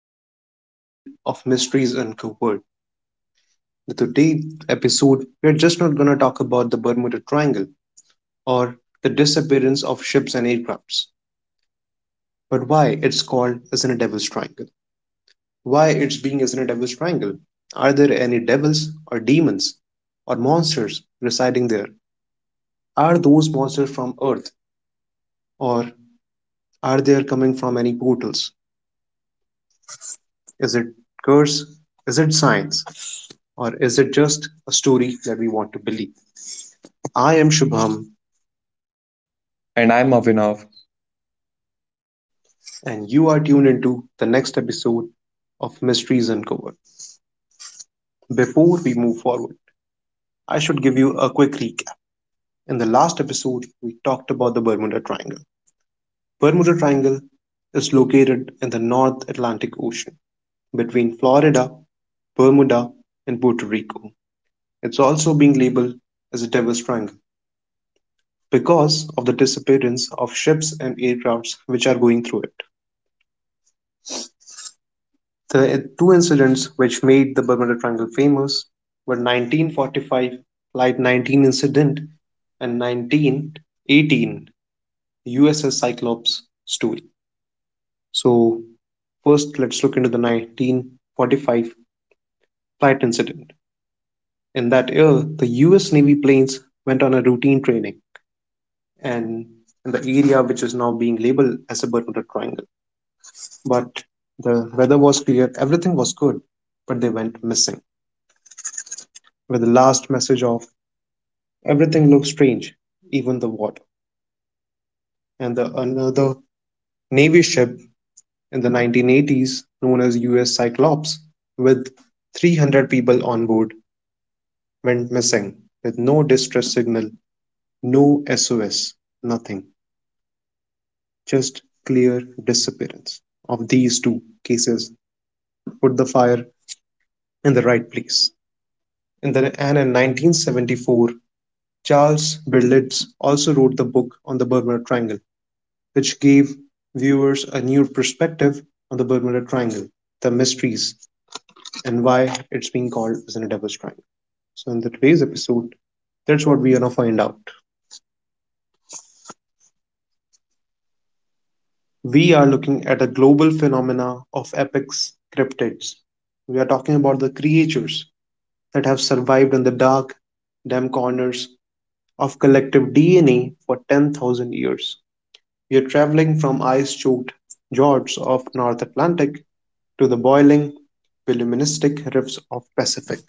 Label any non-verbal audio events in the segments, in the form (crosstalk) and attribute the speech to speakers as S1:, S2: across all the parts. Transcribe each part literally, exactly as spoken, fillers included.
S1: the another episode of Mysteries Uncovered. The today episode, we are just not gonna talk about the Bermuda Triangle or the disappearance of ships and aircrafts, but why it's called as in a devil's triangle. Why it's being as in a devil's triangle? Are there any devils or demons or monsters residing there? Are those monsters from Earth or are they coming from any portals? Is it curse? Is it science? Or is it just a story that we want to believe? I am Shubham,
S2: And I'm Avinav.
S1: and you are tuned into the next episode of Mysteries Uncovered. Before we move forward, I should give you a quick recap. In the last episode, we talked about the Bermuda Triangle. Bermuda Triangle is located in the North Atlantic Ocean between Florida, Bermuda, and Puerto Rico. It's also being labeled as a Devil's Triangle because of the disappearance of ships and aircrafts which are going through it. The two incidents which made the Bermuda Triangle famous were nineteen forty-five Flight nineteen incident and nineteen eighteen U S S Cyclops story. So first let's look into the nineteen forty-five flight incident. In that year, the U S Navy planes went on a routine training and in the area which is now being labeled as the Bermuda Triangle. But the weather was clear, everything was good, but they went missing. With the last message of Everything looked strange, even the water. And the another Navy ship in the nineteen eighties, known as U S Cyclops, with three hundred people on board, went missing with no distress signal, no S O S, nothing. Just clear disappearance. Of these two cases, put the fire in the right place. In the, and in nineteen seventy-four, Charles Berlitz also wrote the book on the Bermuda Triangle, which gave viewers a new perspective on the Bermuda Triangle, the mysteries, and why it's being called as a devil's triangle. So, in the today's episode, that's what we're gonna find out. We are looking at a global phenomena of apex cryptids. We are talking about the creatures that have survived in the dark, damp corners of collective D N A for ten thousand years. We are traveling from ice choked fjords of North Atlantic to the boiling, voluministic rifts of Pacific.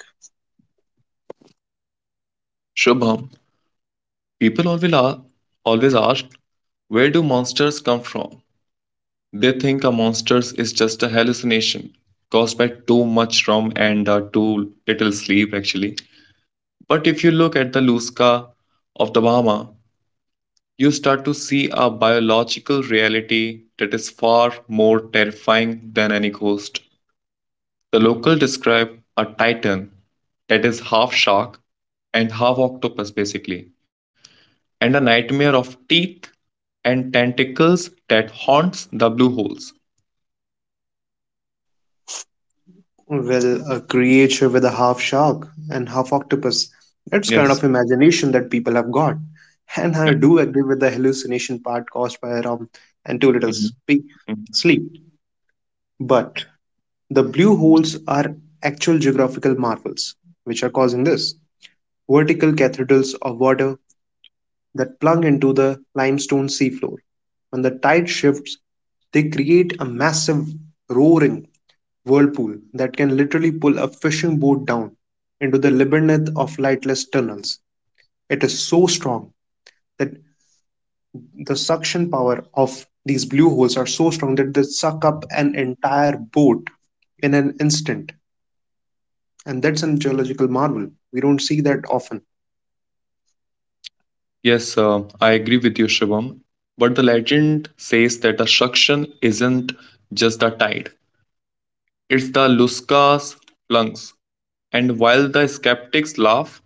S2: Shubham, people always, a- always ask, where do monsters come from? They think a monster is just a hallucination caused by too much rum and uh, too little sleep, actually. But if you look at the Lusca of the Bahama, you start to see a biological reality that is far more terrifying than any ghost. The local describe a titan that is half shark and half octopus, basically, and a nightmare of teeth and tentacles that haunts the blue holes.
S1: Well, a creature with a half shark and half octopus. That's kind
S2: Yes.
S1: of imagination that people have got. And
S2: Yeah.
S1: I do agree with the hallucination part caused by rum and too little
S2: Mhm,
S1: spe-
S2: mhm.
S1: sleep. But the blue holes are actual geographical marvels which are causing this. Vertical cathedrals of water that plunge into the limestone seafloor. When the tide shifts, they create a massive roaring whirlpool that can literally pull a fishing boat down into the labyrinth of lightless tunnels. It is so strong that The suction power of these blue holes are so strong that they suck up an entire boat in an instant. And that's a geological marvel. We don't see that often.
S2: Yes, uh, I agree with you, Shivam. But the legend says that the suction isn't just the tide, it's the Luska's lungs. And while the skeptics laugh,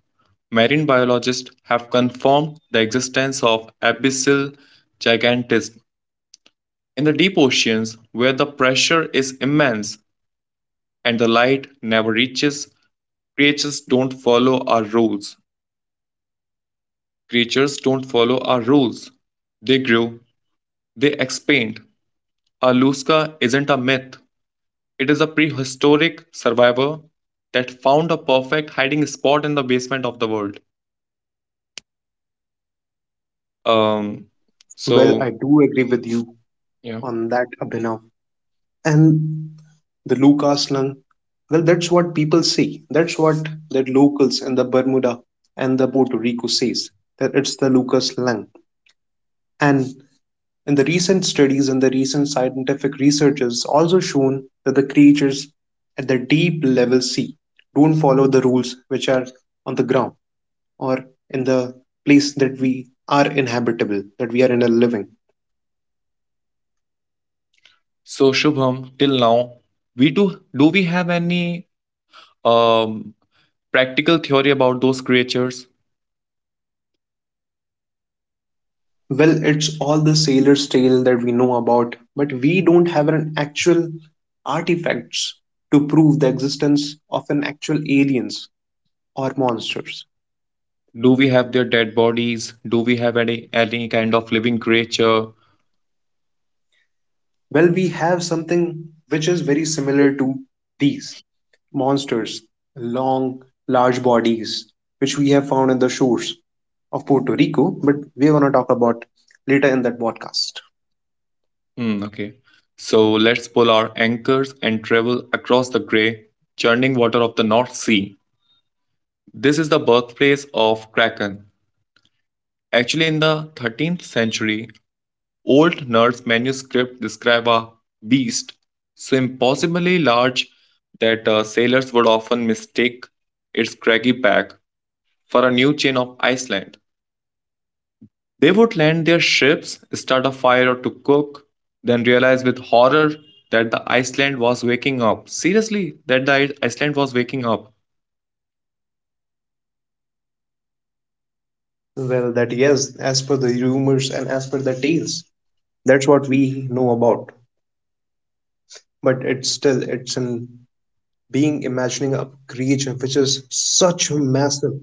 S2: marine biologists have confirmed the existence of abyssal gigantism. In the deep oceans, where the pressure is immense and the light never reaches. Creatures don't follow our rules. Creatures don't follow our rules. They grow, they expand. Aluska isn't a myth, it is a prehistoric survivor that found a perfect hiding spot in the basement of the world. Um,
S1: Well,
S2: so,
S1: I do agree with you
S2: yeah.
S1: on that, Abhinav. And the Lucca slang. Well, that's what people say. That's what that locals and the Bermuda and the Puerto Rico says that it's the Lucca slang. And in the recent studies and the recent scientific researches also shown that the creatures at the deep level sea don't follow the rules which are on the ground or in the place that we are inhabitable, that we are in a living.
S2: So, Shubham, till now, we do do we have any um practical theory about those creatures?
S1: Well, it's all the sailor's tale that we know about, but we don't have an actual artifacts to prove the existence of an actual aliens or monsters.
S2: Do we have their dead bodies? Do we have any any kind of living creature?
S1: Well, we have something which is very similar to these monsters, long, large bodies, which we have found in the shores of Puerto Rico, but we're going to talk about later in that podcast.
S2: Hmm, okay. So let's pull our anchors and travel across the grey, churning water of the North Sea. This is the birthplace of Kraken. Actually, in the thirteenth century, old Norse manuscript describe a beast so impossibly large that uh, sailors would often mistake its craggy back for a new chain of Iceland. They would land their ships, start a fire or to cook, then realize with horror that the Iceland was waking up. Seriously, that the I- Iceland was waking up.
S1: Well, that yes, as per the rumors and as per the tales, that's what we know about. But it's still it's an being imagining a creature which is such massive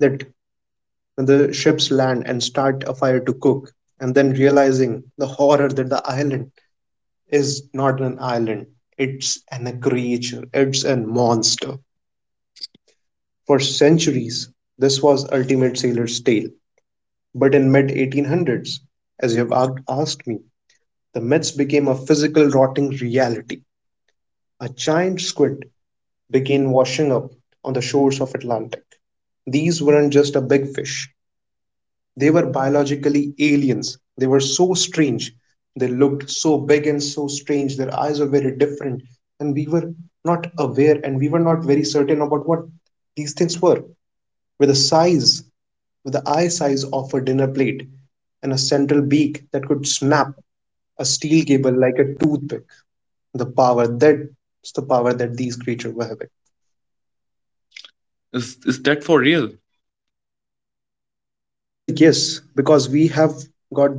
S1: that when the ships land and start a fire to cook, and then realizing the horror that the island is not an island, it's an a creature, it's a monster. For centuries, this was ultimate sailor's tale, but in mid eighteen hundreds, as you have asked me, the myths became a physical rotting reality. A giant squid began washing up on the shores of Atlantic. These weren't just a big fish, they were biologically aliens. They were so strange. They looked so big and so strange. Their eyes were very different, and we were not aware and we were not very certain about what these things were. With the size, with the eye size of a dinner plate, and a central beak that could snap a steel cable like a toothpick. The power that's the power that these creatures were having.
S2: Is, is that for real?
S1: Well, yes, because we have got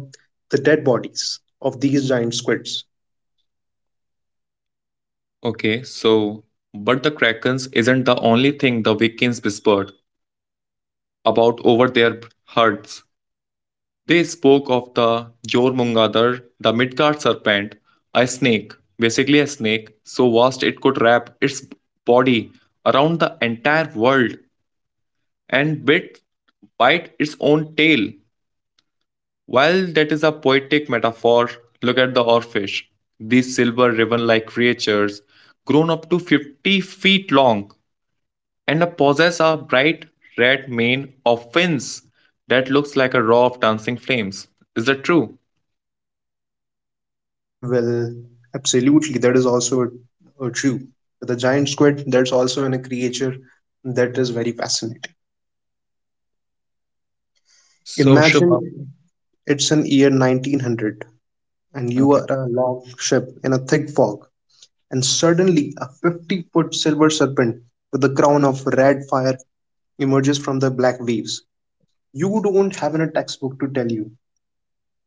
S1: the dead bodies of these giant squids.
S2: Okay, so, but the Krakens isn't the only thing the Vikings whispered about over their herds. They spoke of the Jormungadr, the Midgard serpent, a snake, basically a snake, so vast it could wrap its body around the entire world and bit bite its own tail. While that is a poetic metaphor, look at the oarfish. These silver ribbon like creatures, grown up to fifty feet long, and possess a bright red mane of fins that looks like a row of dancing flames. Is that true?
S1: Well, absolutely, that is also uh, true. The giant squid, that's also in a creature that is very fascinating.
S2: So, Shubham.
S1: Imagine it's an year nineteen hundred and you are
S2: Okay.
S1: a long ship in a thick fog, and suddenly a fifty foot silver serpent with a crown of red fire emerges from the black waves. You don't have in a textbook to tell you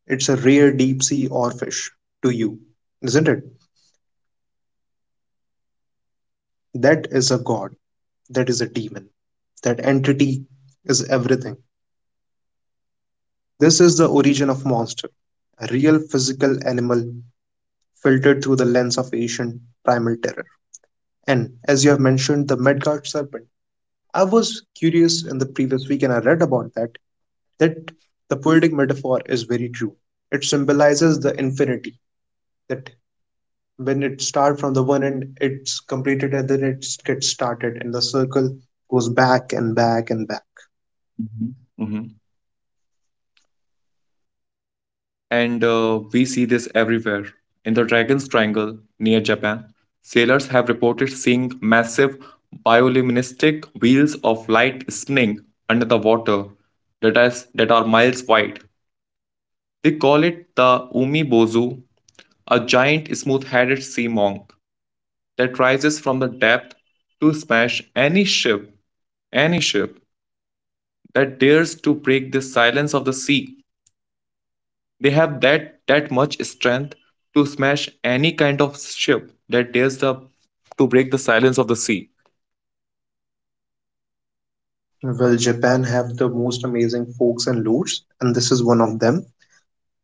S1: It's a rare deep sea oarfish to you, isn't it? That is a god. That is a demon. That entity is everything. This is the origin of monster, a real physical animal filtered through the lens of ancient primal terror. And as you have mentioned, the Midgard serpent. I was curious in the previous week and I read about that, that the poetic metaphor is very true. It symbolizes the infinity, that when it starts from the one end it's completed and then it gets started and the circle goes back and back and back.
S2: Mhm. And uh, we see this everywhere. In the Dragon's Triangle near Japan, sailors have reported seeing massive bioluminescent wheels of light spinning under the water that, is, that are miles wide. They call it the Umibozu, a giant smooth headed sea monk that rises from the depth to smash any ship, any ship that dares to break the silence of the sea. They have that that much strength to smash any kind of ship that dares the to break the silence of the sea.
S1: Well, Japan have the most amazing forks and lures, and this is one of them.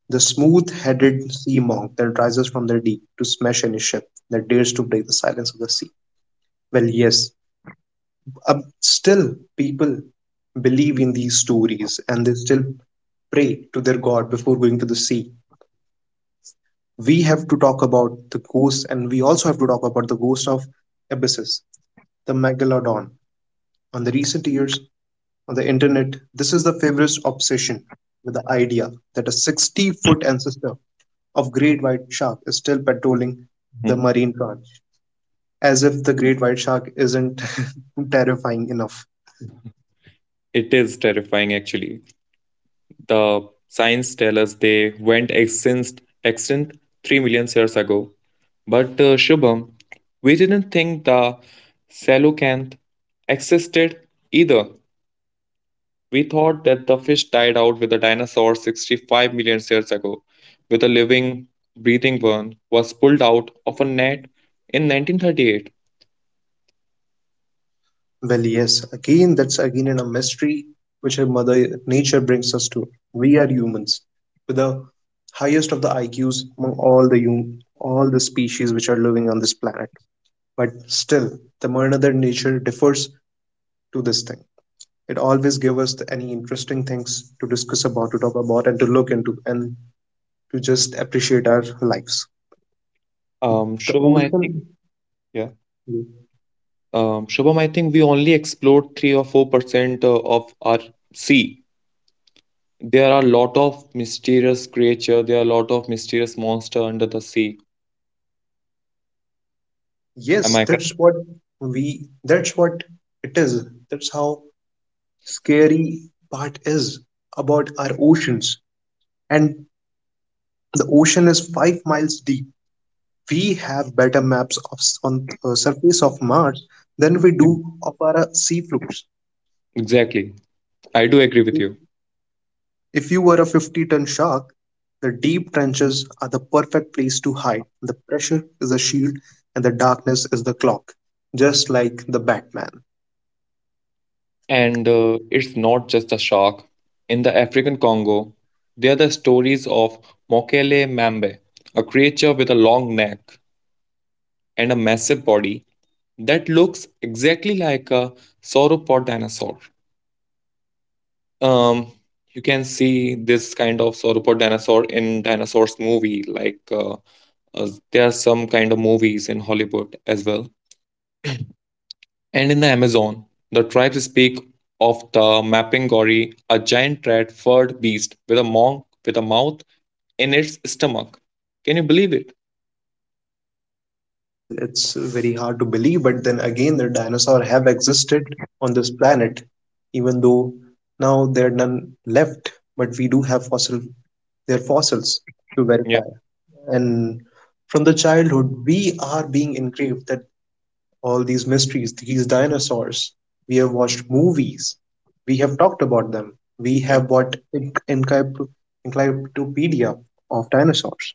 S1: The smooth headed sea monk that rises from the deep to smash any ship that dares to break the silence of the sea. Well, yes, uh, still people believe in these stories and they still pray to their god before going to the sea. We have to talk about the ghost, and we also have to talk about the ghost of Abyssus, the megalodon. On the recent years on the internet, this is the favorite obsession with the idea that a sixty foot ancestor of great white shark is still patrolling the
S2: Mhm.
S1: marine branch, as if the great white shark isn't (laughs) terrifying enough.
S2: It is terrifying, actually. The science tell us they went extinct, extinct three million years ago. But uh, Shubham, we didn't think the coelacanth existed either. We thought that the fish died out with the dinosaurs sixty-five million years ago, with a living, breathing one, was pulled out of a net in nineteen thirty-eight.
S1: Well, yes, again, that's again in a mystery which our mother nature brings us to. We are humans with the highest of the I Qs among all the hum- all the species which are living on this planet. But still, the mother nature differs to this thing. It always gives us the, any interesting things to discuss about, to talk about, and to look into, and to just appreciate our lives.
S2: Um,
S1: The
S2: Shubham, I think,
S1: ocean,
S2: yeah. Um, Shubham, I think we only explored three or four percent uh, of our sea. There are a lot of mysterious creature, there are a lot of mysterious monster under the sea.
S1: yes,
S2: Am I correct?
S1: that's what we. That's what it is. That's how scary part is about our oceans, and the ocean is five miles deep. We have better maps of s- on uh, surface of Mars than we
S2: Yeah.
S1: do of our uh, sea floors.
S2: Exactly. I do agree with you.
S1: If you were a fifty ton shark, the deep trenches are the perfect place to hide. The pressure is a shield and the darkness is the clock, just like the Batman.
S2: And uh, it's not just a shark. In the African Congo, there are the stories of Mokele Mambe, a creature with a long neck and a massive body that looks exactly like a sauropod dinosaur. Um, you can see this kind of sauropod dinosaur in dinosaurs movie. Like uh, uh, there are some kind of movies in Hollywood as well. And in the Amazon, the tribes speak of the Mapungori, a giant red furred beast with a monk with a mouth in its stomach. Can you believe it?
S1: Well, it's very hard to believe, but then again, the dinosaurs have existed on this planet, even though now there are none left, but we do have fossil their fossils to
S2: Yeah,
S1: verify. And from the childhood, we are being engraved that all these mysteries, these dinosaurs, we have watched movies, we have talked about them, we
S2: yeah,
S1: have bought encyclopedia of dinosaurs.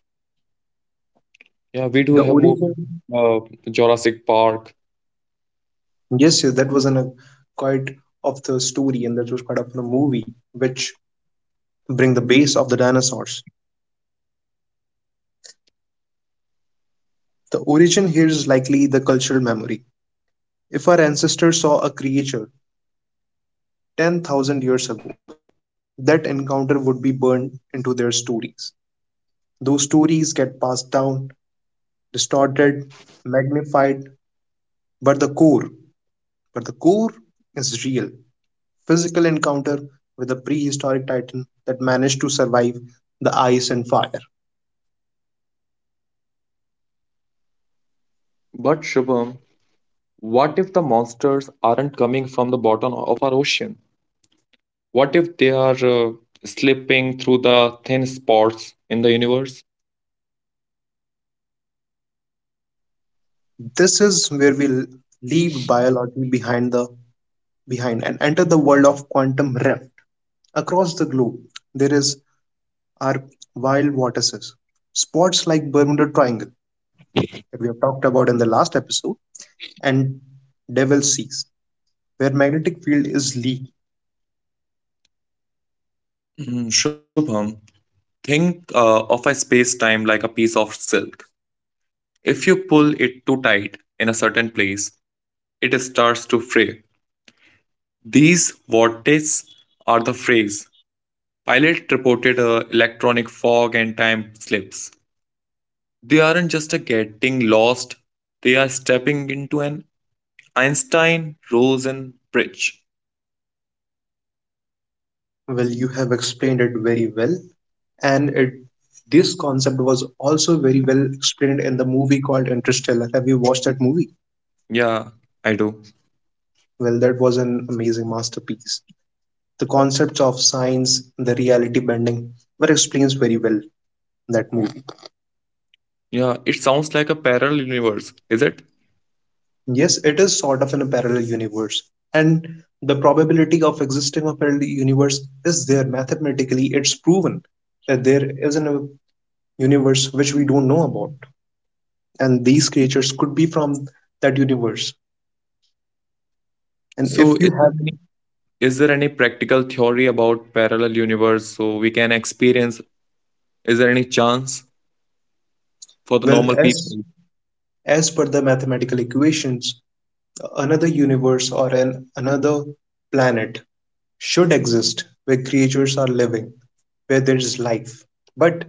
S2: yeah. We do
S1: The
S2: have more
S1: origin
S2: uh, Jurassic Park.
S1: Yes, yes, that was an, a quite of the story, and that was part of the movie, which bring the base of the dinosaurs. The origin here is likely the cultural memory. If our ancestors saw a creature ten thousand years ago, that encounter would be burned into their stories. Those stories get passed down, distorted, magnified, but the core, but the core is real. Physical encounter with a prehistoric titan that managed to survive the ice and fire.
S2: But Shubham, what if the monsters aren't coming from the bottom of our ocean? What if they are uh, slipping through the thin spots in the universe?
S1: This is where we l- leave biology behind the behind and enter the world of quantum rift. Across the globe, there is our wild vortices, spots like Bermuda Triangle that we have talked about in the last episode, and Devil Seas, where magnetic field is leak.
S2: Mm, Shubham, think uh, of a space time like a piece of silk. If you pull it too tight in a certain place, it starts to fray. These vortices are the phrase. Pilot reported a electronic fog and time slips. They aren't just a getting lost, they are stepping into an Einstein Rosen bridge.
S1: Well, you have explained it very well, and it, this concept was also very well explained in the movie called Interstellar. Have you watched that movie?
S2: Yeah, I do.
S1: Well, that was an amazing masterpiece. The concepts of science, the reality bending were explained very well in that movie.
S2: Yeah, it sounds like a parallel universe, is it?
S1: Yes, it is sort of in a parallel universe, and the probability of existing a parallel universe is there mathematically. It's proven that there is a universe which we don't know about, and these creatures could be from that universe. And
S2: So
S1: if
S2: is
S1: you
S2: there
S1: have,
S2: any, is there any practical theory about parallel universe so we can experience, is there any chance for the
S1: well,
S2: normal
S1: as
S2: people?
S1: as per the mathematical equations, another universe or an another planet should exist where creatures are living, where there is life. But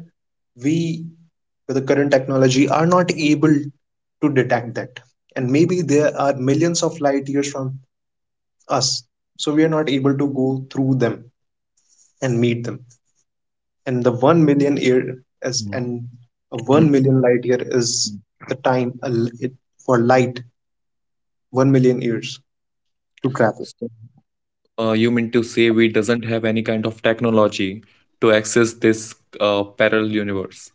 S1: we, with the current technology, are not able to detect that. And maybe there are millions of light years from us. So we are not able to go through them and meet them. And the one million year is,
S2: Mhm.
S1: and one
S2: (clears throat)
S1: million light year is the time for light one million years to travel.
S2: So, uh, you mean to say we doesn't have any kind of technology to access this uh, parallel universe?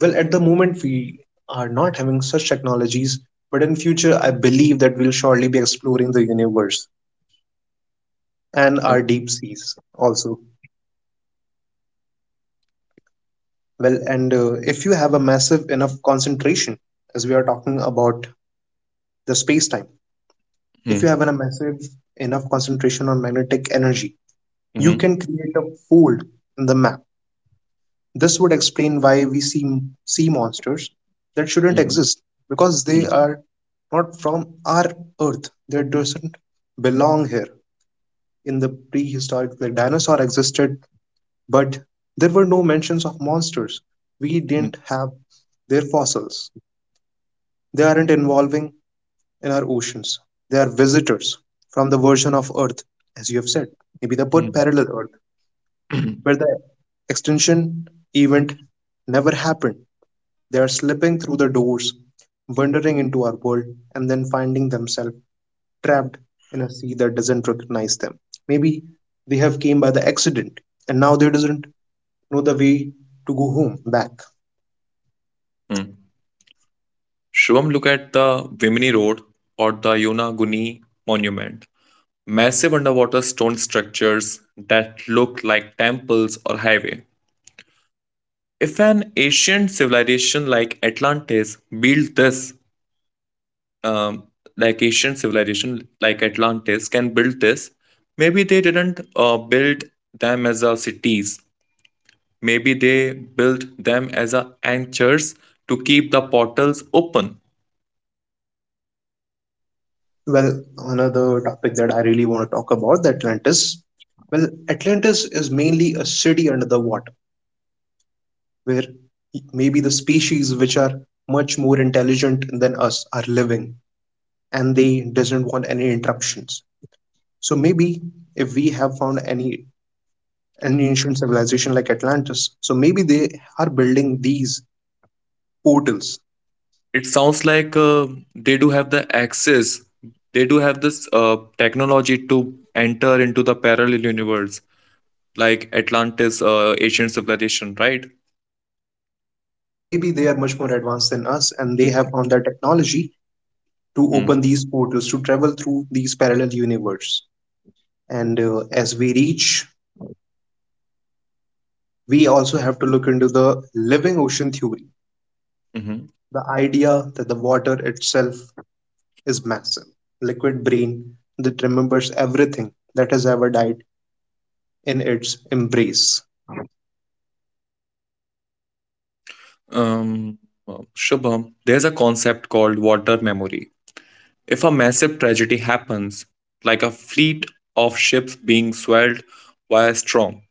S1: Well, at the moment we are not having such technologies, but in future I believe that we'll surely be exploring the universe and our
S2: Okay.
S1: deep seas also. Well, and uh, if you have a massive enough concentration, as we are talking about the space time, if you have
S2: Mhm.
S1: a massive enough concentration on magnetic energy, you can
S2: Mhm.
S1: create a fold in the map. This would explain why we see sea monsters that shouldn't
S2: Mhm.
S1: exist because they
S2: Mhm.
S1: are not from our Earth. They doesn't belong here. In the prehistoric, the dinosaur existed, but there were no mentions of monsters. We didn't have their fossils. They aren't involving in our oceans. They are visitors from the version of Earth, as you have said. Maybe the put
S2: Mhm.
S1: parallel Earth, where the extinction event never happened. They are slipping through the doors, wandering into our world, and then finding themselves trapped in a sea that doesn't recognize them. Maybe they have came by the accident, and now they doesn't know the way to go home back.
S2: Mhm. (clears throat) Shubham, look at the Bimini Road or the Yonaguni Monument. Massive underwater stone structures that look like temples or highway. If an ancient civilization like Atlantis built this, um, like Asian civilization, like Atlantis, can build this. Maybe they didn't uh, build them as a cities. Maybe they built them as a anchors to keep the portals open.
S1: Well, another topic that I really want to talk about, the Atlantis. Well, Atlantis is mainly a city under the water, where maybe the species which are much more intelligent than us are living, and they doesn't want any interruptions. So maybe if we have found any an ancient civilization like Atlantis, so maybe they are building these portals.
S2: It sounds like uh, they do have the access. They do have this uh, technology to enter into the parallel universe, like Atlantis, uh, Asian civilization, right?
S1: Yes, maybe they are much more advanced than us, and they have found that technology to open these portals to travel through these parallel universes. And uh, as we reach, we also have to look into the living ocean theory,
S2: Mm-hmm.
S1: the idea that the water itself is massive, liquid brain that remembers everything that has ever died in its embrace.
S2: Um, uh, Shubham, there's a concept called water memory. If a massive tragedy happens, like a fleet of ships being swelled by a storm,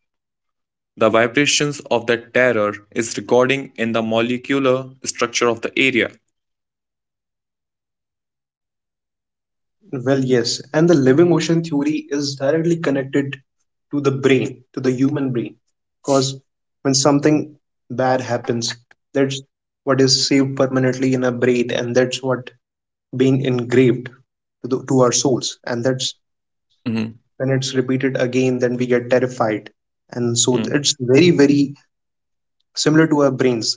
S2: the vibrations of that terror is recording in the molecular structure of the area.
S1: Well, yes, and the living ocean theory is directly connected to the brain, to the human brain, because when something bad happens, that's what is saved permanently in our brain, and that's what being engraved to, the, to our souls, and that's
S2: Mhm,
S1: when it's repeated again, then we get terrified. And so
S2: mm,
S1: it's very very similar to our brains.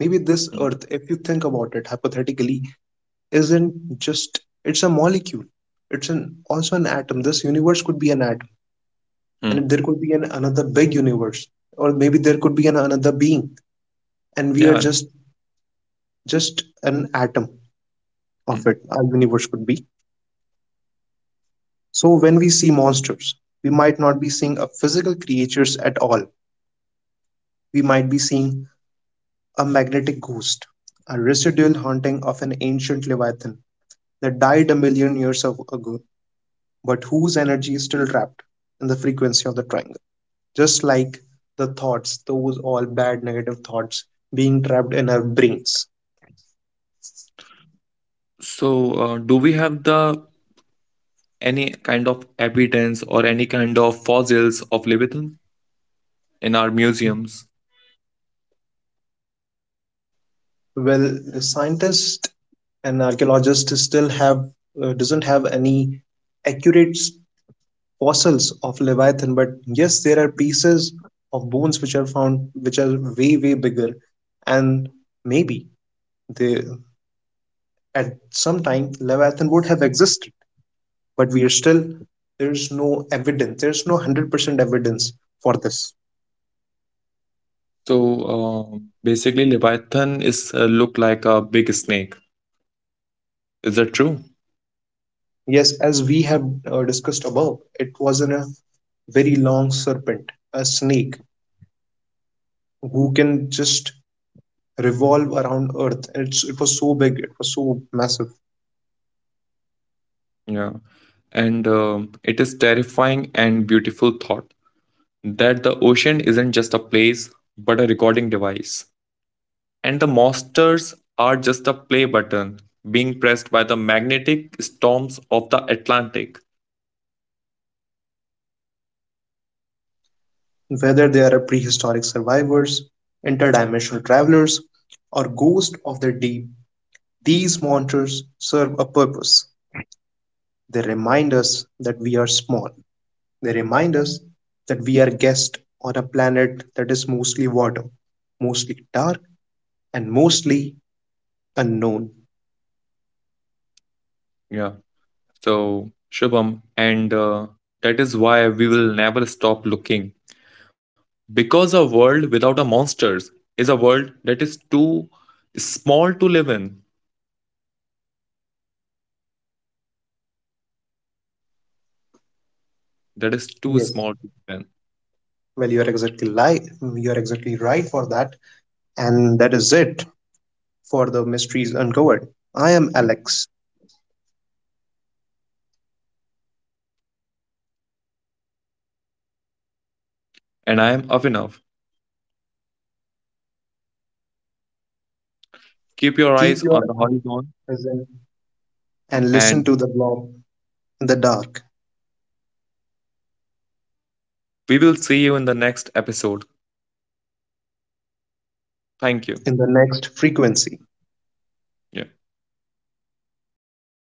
S1: Maybe this
S2: mm,
S1: earth, if you think about it hypothetically, isn't just, it's a molecule, it's an, also an atom. This universe could be an atom,
S2: mm.
S1: and there could be an, another big universe, or maybe there could be an, another being, and we are
S2: Yeah.
S1: just just an atom of
S2: Mm.
S1: it. Our universe could be. So when we see monsters, we might not be seeing a physical creatures at all. We might be seeing a magnetic ghost, a residual haunting of an ancient leviathan that died a million years ago, but whose energy is still trapped in the frequency of the triangle. Just like the thoughts, those all bad negative thoughts being trapped in our brains.
S2: So, uh, do we have the any kind of evidence or any kind of fossils of Leviathan in our museums?
S1: Well, the scientist and archaeologist still have, uh, doesn't have any accurate fossils of leviathan, but yes, there are pieces of bones which are found, which are way way bigger, and maybe they, at some time leviathan would have existed, but we are still, there's no evidence, there's no one hundred percent evidence for this.
S2: So um, basically, Leviathan is uh, look like a big snake. Is that true?
S1: Yes, as we have uh, discussed above, it wasn't a very long serpent, a snake who can just revolve around earth, and it's, it was so big, it was so massive.
S2: Yeah. And um, it is terrifying and beautiful thought that the ocean isn't just a place but a recording device, and the monsters are just a play button being pressed by the magnetic storms of the Atlantic.
S1: Whether they are prehistoric survivors, interdimensional travelers, or ghosts of the deep, these monsters serve a purpose. They remind us that we are small. They remind us that we are guests on a planet that is mostly water, mostly dark, and mostly unknown.
S2: Yeah. So, Shubham, and uh, that is why we will never stop looking. Because a world without a monsters is a world that is too small to live in. That is too
S1: Yes.
S2: small to live
S1: Well, you are exactly li- you are exactly right for that, and that is it for the mysteries uncovered. I am
S2: in.
S1: Alex.
S2: And I am Avinav. Keep your
S1: Keep
S2: eyes on
S1: your
S2: the
S1: eyes
S2: horizon,
S1: present and listen
S2: and
S1: to the blob in the dark
S2: we will see you in the next episode. Thank you.
S1: in the next frequency.
S2: Yeah.